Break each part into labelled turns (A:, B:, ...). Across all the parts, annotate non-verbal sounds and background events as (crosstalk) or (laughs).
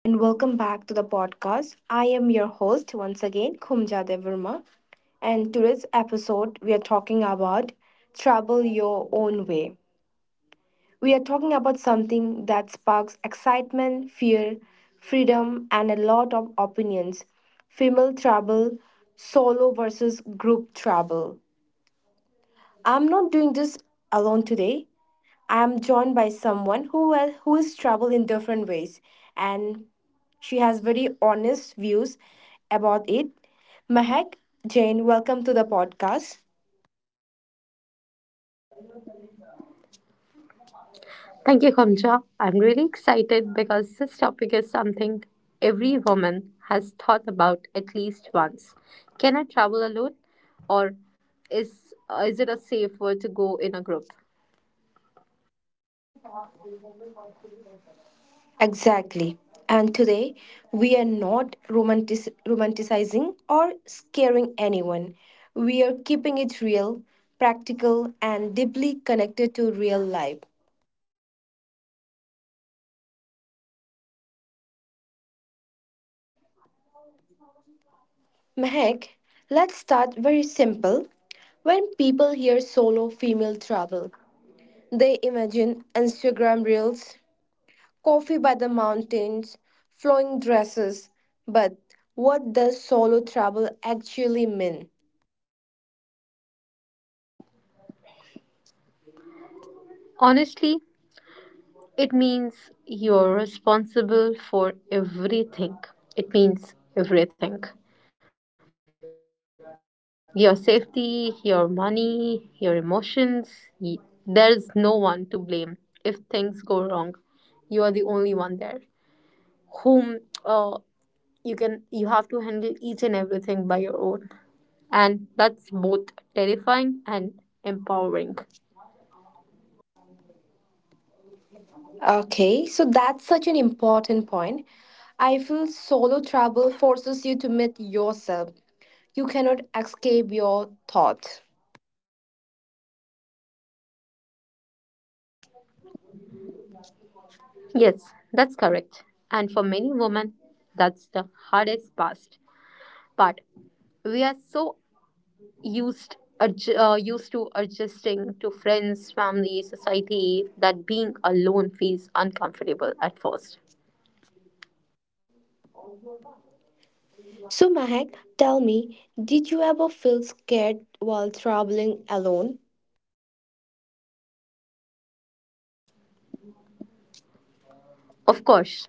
A: and welcome back to the podcast. I am your host once again, Khumja Devarma, and today's episode we are talking about travel your own way. We are talking about something that sparks excitement, fear, freedom, and a lot of opinions: female travel, solo versus group travel. I'm not doing this alone today. I am joined by someone who is traveled in different ways and she has very honest views about it. Mahak Jane, welcome to the podcast.
B: Thank you, Kamcha. I'm really excited because this topic is something every woman has thought about at least once. Can I travel alone, or is is it a safe word to go in a group?
A: Exactly. And today we are not romanticizing or scaring anyone. We are keeping it real, practical and deeply connected to real life. Mehek, let's start very simple. When people hear solo female travel, they imagine Instagram reels, coffee by the mountains, flowing dresses. But what does solo travel actually mean?
B: Honestly, it means you're responsible for everything. It means everything. Your safety, your money, your emotions. y- There's no one to blame if things go wrong. You are the only one there. Whom uh, you have to handle each and everything by your own, and that's both terrifying and empowering.
A: Okay, so that's such an important point. I feel solo travel forces you to meet yourself. You cannot escape your thoughts.
B: Yes, that's correct, and for many women, that's the hardest past part. We are so used to adjusting to friends, family, society, that being alone feels uncomfortable at first.
A: So, Mahak, tell me, did you ever feel scared while traveling alone?
B: Of course,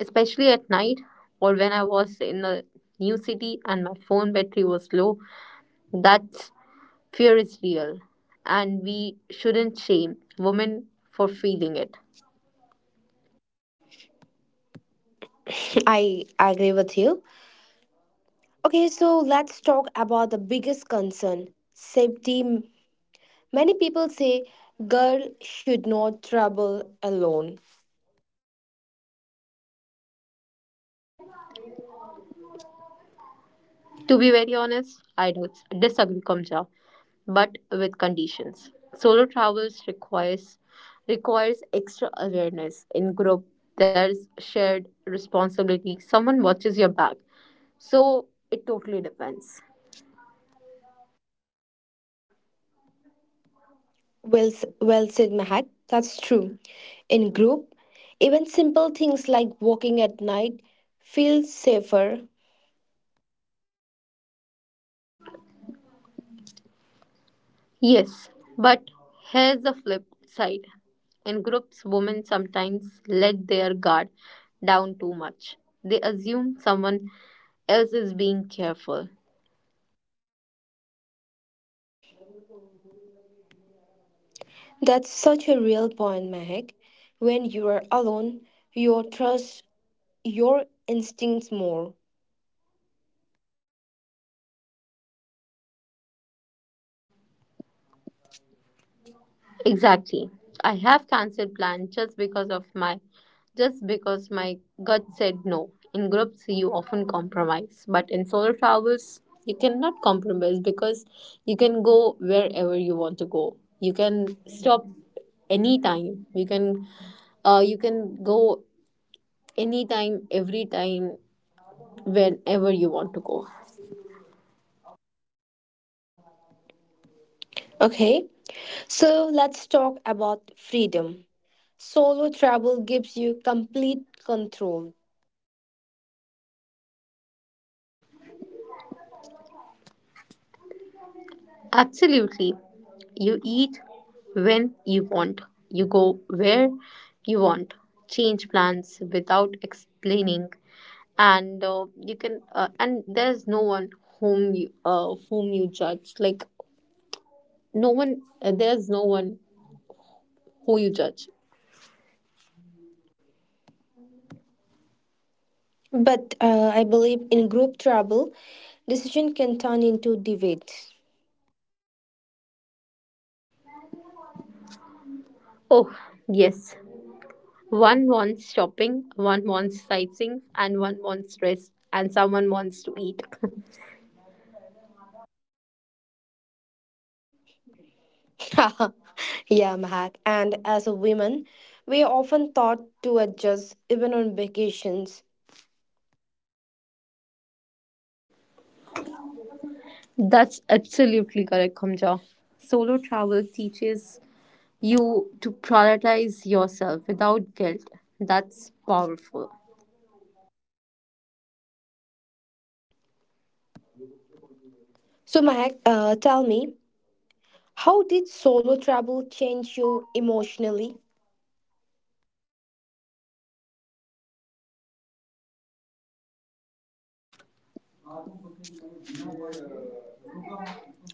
B: especially at night or when I was in a new city and my phone battery was low, that fear is real, and we shouldn't shame women for feeling it.
A: (laughs) I agree with you. Okay, so let's talk about the biggest concern safety. Many people say girl should not travel alone.
B: To be very honest, I don't disagree, Kamja, but with conditions. Solo travels requires extra awareness. In group, there's shared responsibility. Someone watches your back. So it totally depends.
A: Well said, Mahak. That's true. In group, even simple things like walking at night feel safer.
B: Yes, but here's the flip side. In groups, women sometimes let their guard down too much. They assume someone else is being careful.
A: That's such a real point, Mahak. When you are alone, your trust your instincts more.
B: Exactly. I have cancelled plans just because my gut said no. In groups you often compromise, but in solo travels you cannot compromise, because you can go wherever you want to go. You can stop anytime. You can go anytime, every time, whenever you want to go.
A: Okay, so let's talk about freedom. Solo travel gives you complete control,
B: Absolutely. You eat when you want. You go where you want. Change plans without explaining, and you can. And there's no one whom you judge. Like no one. There's no one who you judge.
A: but I believe in group travel, decision can turn into debate.
B: Oh yes. One wants shopping. One wants sightseeing, and one wants rest. And someone wants to eat.
A: (laughs) Yeah, Mahak. And as a woman, we are often taught to adjust even on vacations.
B: (laughs) That's absolutely correct, Kamja. Solo travel teaches you to prioritize yourself without guilt. That's powerful.
A: So, Mahak, tell me, how did solo travel change you emotionally?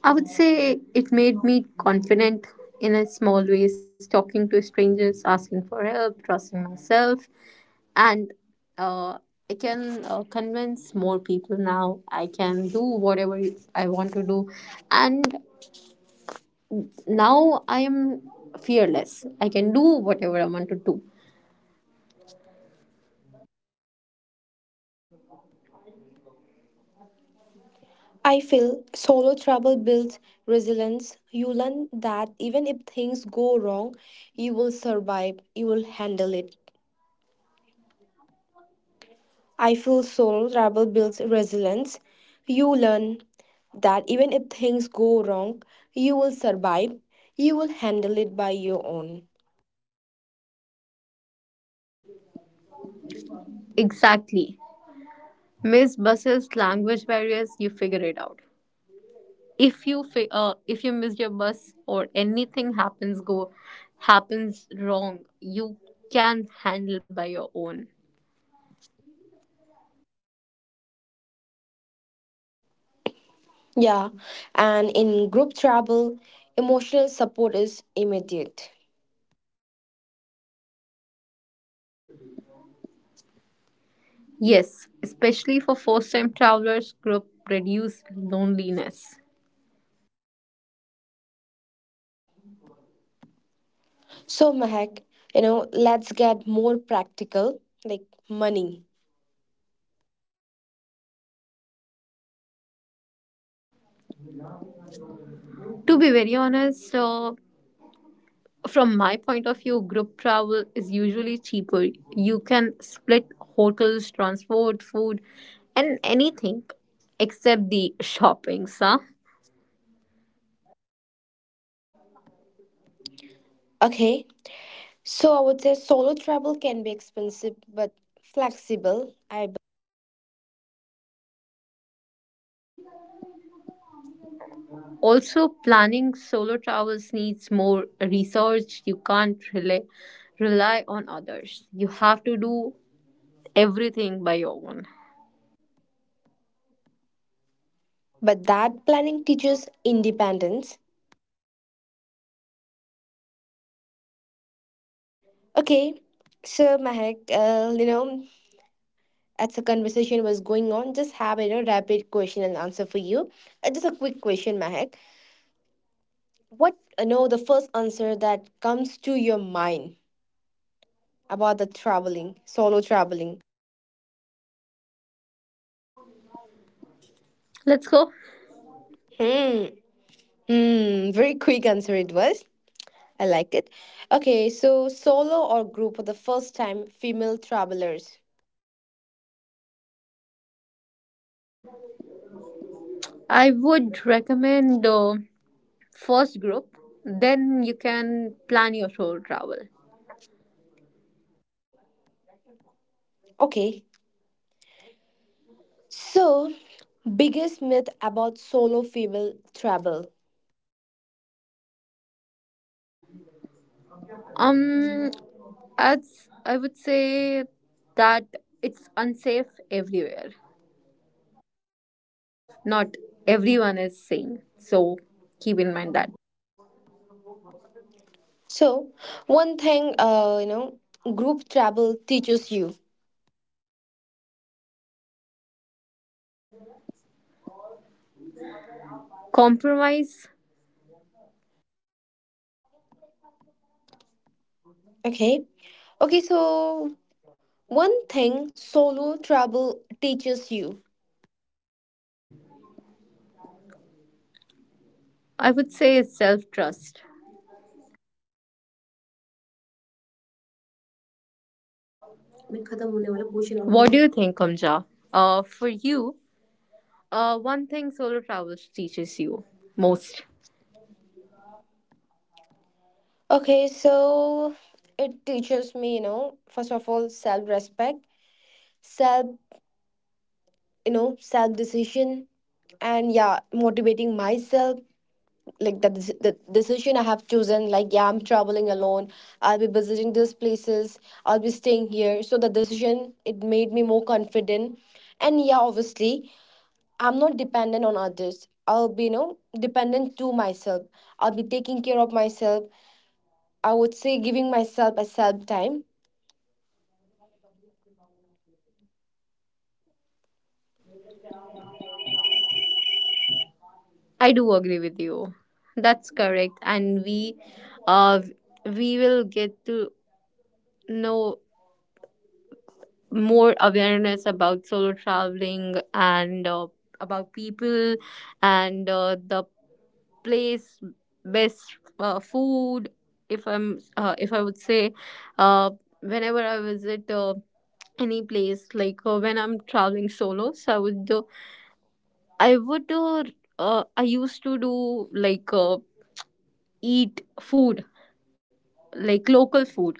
B: I would say it made me confident in a small ways, talking to strangers, asking for help, trusting myself, and uh, I can convince more people now. I can do whatever I want to do, and now I am fearless. I can do whatever I want to do.
A: I feel solo travel builds resilience. You learn that even if things go wrong, you will survive, you will handle it. I feel solo travel builds resilience. You learn that even if things go wrong, you will survive, you will handle it by your own.
B: Exactly. Miss buses, language barriers, you figure it out. If you miss your bus or anything happens wrong, you can handle by your own.
A: Yeah, and in group travel, emotional support is immediate.
B: Yes, especially for first time travelers, group reduce loneliness.
A: So, Mahak, you know, let's get more practical like money.
B: To be very honest, from my point of view, group travel is usually cheaper. You can split hotels, transport, food, and anything except the shoppings, huh?
A: Okay, so I would say solo travel can be expensive but flexible. I
B: Also, planning solo travels needs more research. You can't rely, rely on others. You have to do everything by your own.
A: but that planning teaches independence. Okay, so Mahek, you know, as a conversation was going on, just have a you know, rapid question and answer for you. Just a quick question, Mahek. What you know the first answer that comes to your mind about the traveling, solo traveling?
B: Let's go.
A: Hmm. Hmm. Very quick answer it was. I like it. Okay, so solo or group for the first time female travelers.
B: I would recommend the first group. Then you can plan your solo travel.
A: Okay, so biggest myth about solo female travel.
B: Um, as I would say, that it's unsafe everywhere. Not everyone is sane. So keep in mind that.
A: So one thing, you know, group travel teaches you.
B: Compromise,
A: Okay, okay, so one thing solo travel teaches you.
B: I would say, is self trust. What do you think, Kamja? For you, one thing solo travel teaches you most.
A: Okay, so it teaches me, you know, first of all, self respect, self you know self decision, and yeah, motivating myself like the decision I have chosen, like yeah, I'm traveling alone, I'll be visiting these places, I'll be staying here, so the decision it made me more confident, and yeah obviously I'm not dependent on others, I'll be you know dependent to myself, I'll be taking care of myself, I would say giving myself a self time.
B: I do agree with you. That's correct, and uh, we will get to know more awareness about solo traveling and about people and the place, best food. If I would say, uh, whenever I visit any place, like when I'm traveling solo, so i would do I used to do, like eat food like local food.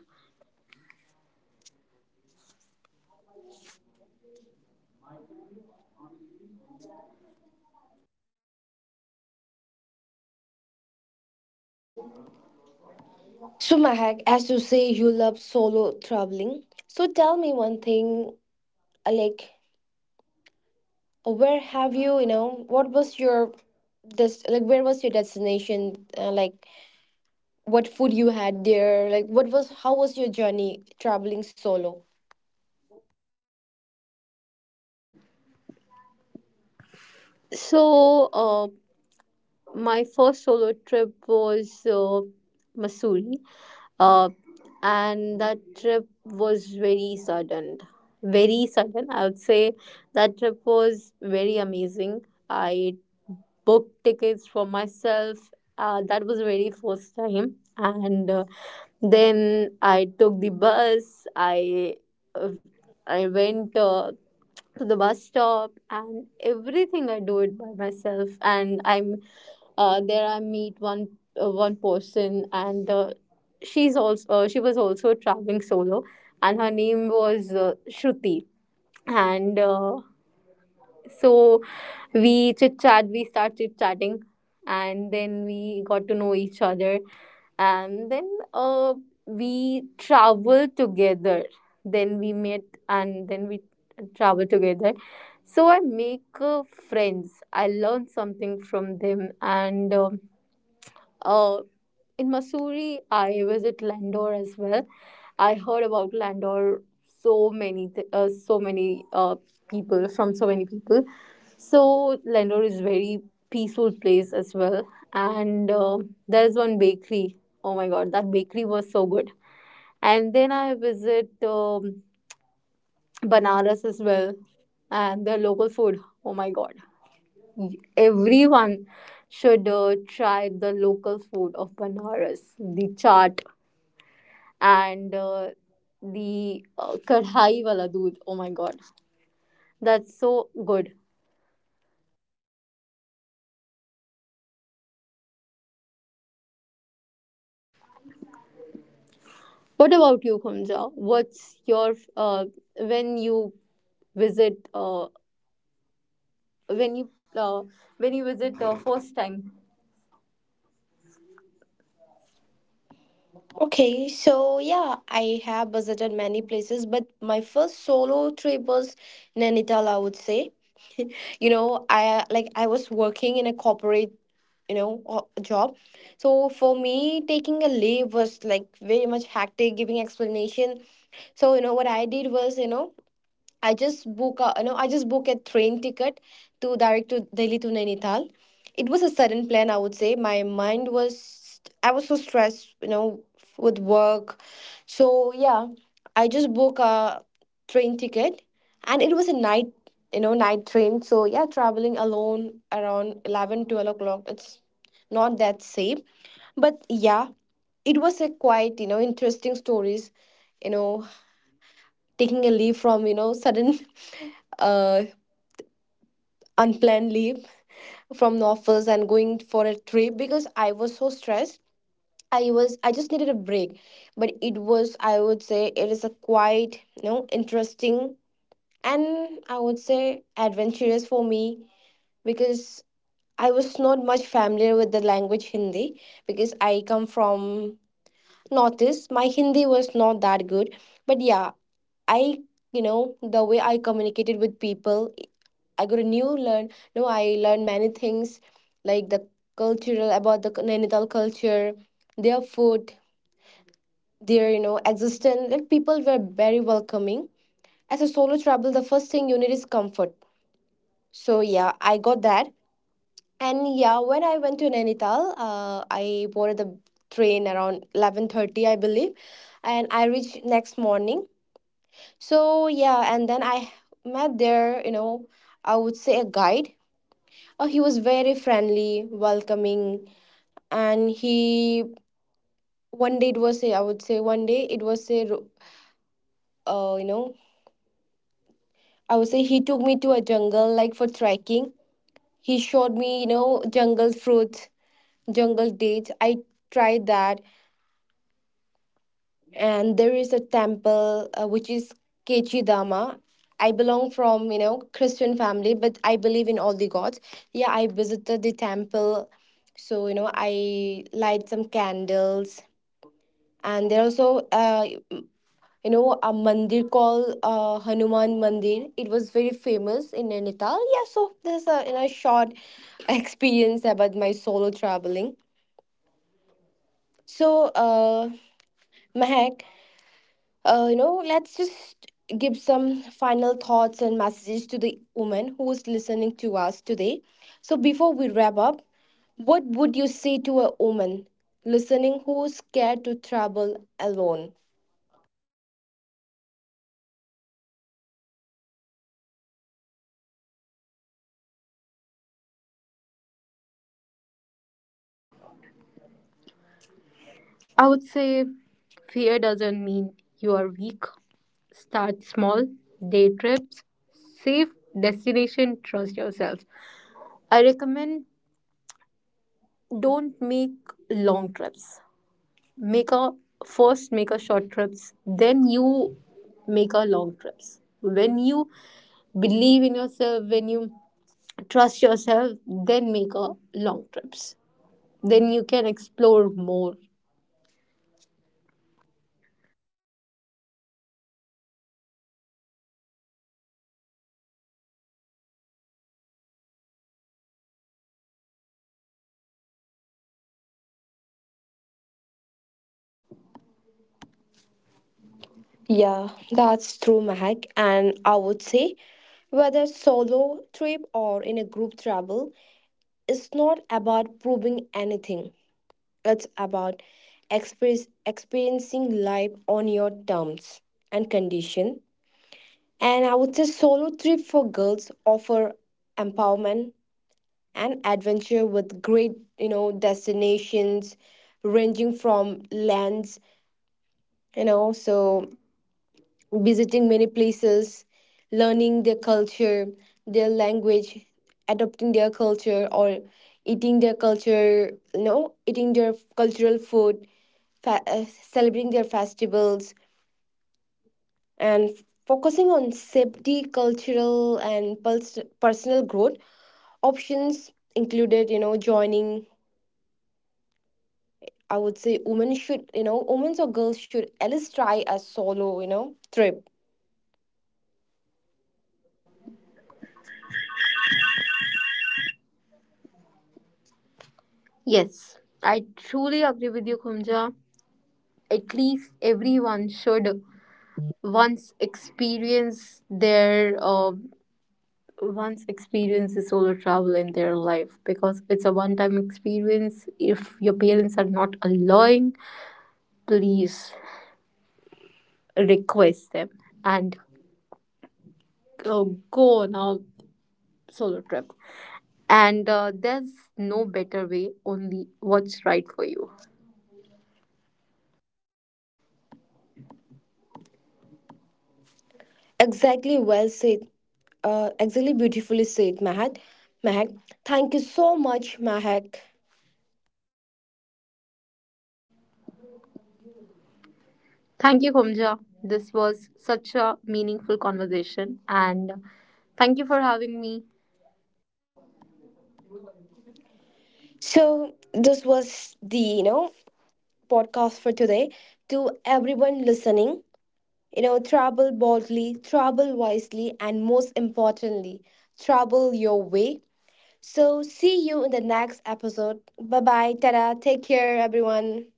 A: So Mahak, as you say you love solo traveling, so tell me one thing, like where have you you know what was your this, like where was your destination, like what food you had there, like what was how was your journey traveling solo.
B: So uh, my first solo trip was Missouri, uh, and that trip was very sudden. I would say that trip was very amazing. I booked tickets for myself. That was the very first time, and then I took the bus. Uh, I went to the bus stop, and everything I do it by myself. And I'm there. I meet one person, and she's also she was also traveling solo, and her name was Shruti. And so we start chit chatting, and then we got to know each other, and then we traveled together. Then we met, and then we travel together. So I make friends. I learn something from them, and uh, in Missouri, I visit Landor as well. I heard about Landor so many people, from so many people. So Landor is very peaceful place as well, and there is one bakery. Oh my God, that bakery was so good. And then I visit Banaras as well, and their local food. Oh my God, everyone should try the local food of Banaras, the chaat and the kadhai wala doodh. Oh my god, that's so good. What about you, Khumja? What's your when you visit uh, when you uh, when you visit the first time?
A: Okay, so yeah, I have visited many places, but my first solo trip was Nainital, I would say. (laughs) You know, I like I was working in a corporate you know job, so for me taking a leave was like very much hectic giving explanation. So you know what I did was, you know, I just book a no, I just book a train ticket to direct to Delhi to Nainital. It was a sudden plan, I would say. My mind was I was so stressed, you know, with work. So yeah, I just book a train ticket, and it was a night, you know, night train. So yeah, traveling alone around 11, 12 o'clock. It's not that safe, but yeah, it was a quite you know interesting stories. You know, taking a leave from you know sudden (laughs) uh unplanned leave from the office and going for a trip because I was so stressed. I was I just needed a break, but it was I would say it is a quite you know interesting and I would say adventurous for me because I was not much familiar with the language Hindi because I come from notice my Hindi was not that good. But yeah, I, you know, the way I communicated with people, I got a new learn. No, I learned many things like the cultural about the Nainital culture, their food, their you know existence. Like people were very welcoming. As a solo travel, the first thing you need is comfort. So yeah, I got that. And yeah, when I went to Nainital, I boarded the train around 11:30, I believe, and I reached next morning. So yeah, and then I met there, you know, I would say a guide. He was very friendly, welcoming, and he one day it was I would say one day it was you know, I would say he took me to a jungle like for trekking. He showed me, you know, jungle fruits, jungle dates. I tried that, and there is a temple which is Kechidama. I belong from you know Christian family, but I believe in all the gods. Yeah, I visited the temple, so you know I light some candles, and there also you know a mandir called Hanuman Mandir. It was very famous in Nainital. Yeah, so there's a you know short (laughs) experience about my solo traveling. So Mahek, you know, let's just give some final thoughts and messages to the woman who is listening to us today. So, before we wrap up, what would you say to a woman listening who is scared to travel alone?
B: I would say fear doesn't mean you are weak. Start small, day trips, safe destination, trust yourself. I recommend don't make long trips. Make a short trips, then you make a long trips when you believe in yourself, when you trust yourself, then make a long trips, then you can explore more.
A: Yeah, that's true, Mahak. And I would say, whether solo trip or in a group travel, it's not about proving anything. It's about experiencing life on your terms and condition. And I would say solo trip for girls offer empowerment and adventure with great, you know, destinations ranging from lands, you know, so visiting many places, learning their culture, their language, adopting their culture or eating their culture, you know, eating their cultural food, celebrating their festivals, and focusing on safety cultural and personal growth options included you know joining. I would say women should you know women or girls should at least try a solo you know trip.
B: Yes, I truly agree with you, Kumja. At least everyone should once experience their uh, once experience the solo travel in their life, because it's a one time experience. If your parents are not allowing, please request them and uh, go on a solo trip. And there's no better way, only what's right for you.
A: Exactly, well said. Exactly, beautifully said, Mahak. Mahak, thank you so much, Mahak.
B: Thank you, Kumja. This was such a meaningful conversation, and thank you for having me.
A: So this was the you know podcast for today to everyone listening. You know, travel boldly, travel wisely, and most importantly, travel your way. So, see you in the next episode. Bye bye. Tada. Take care, everyone.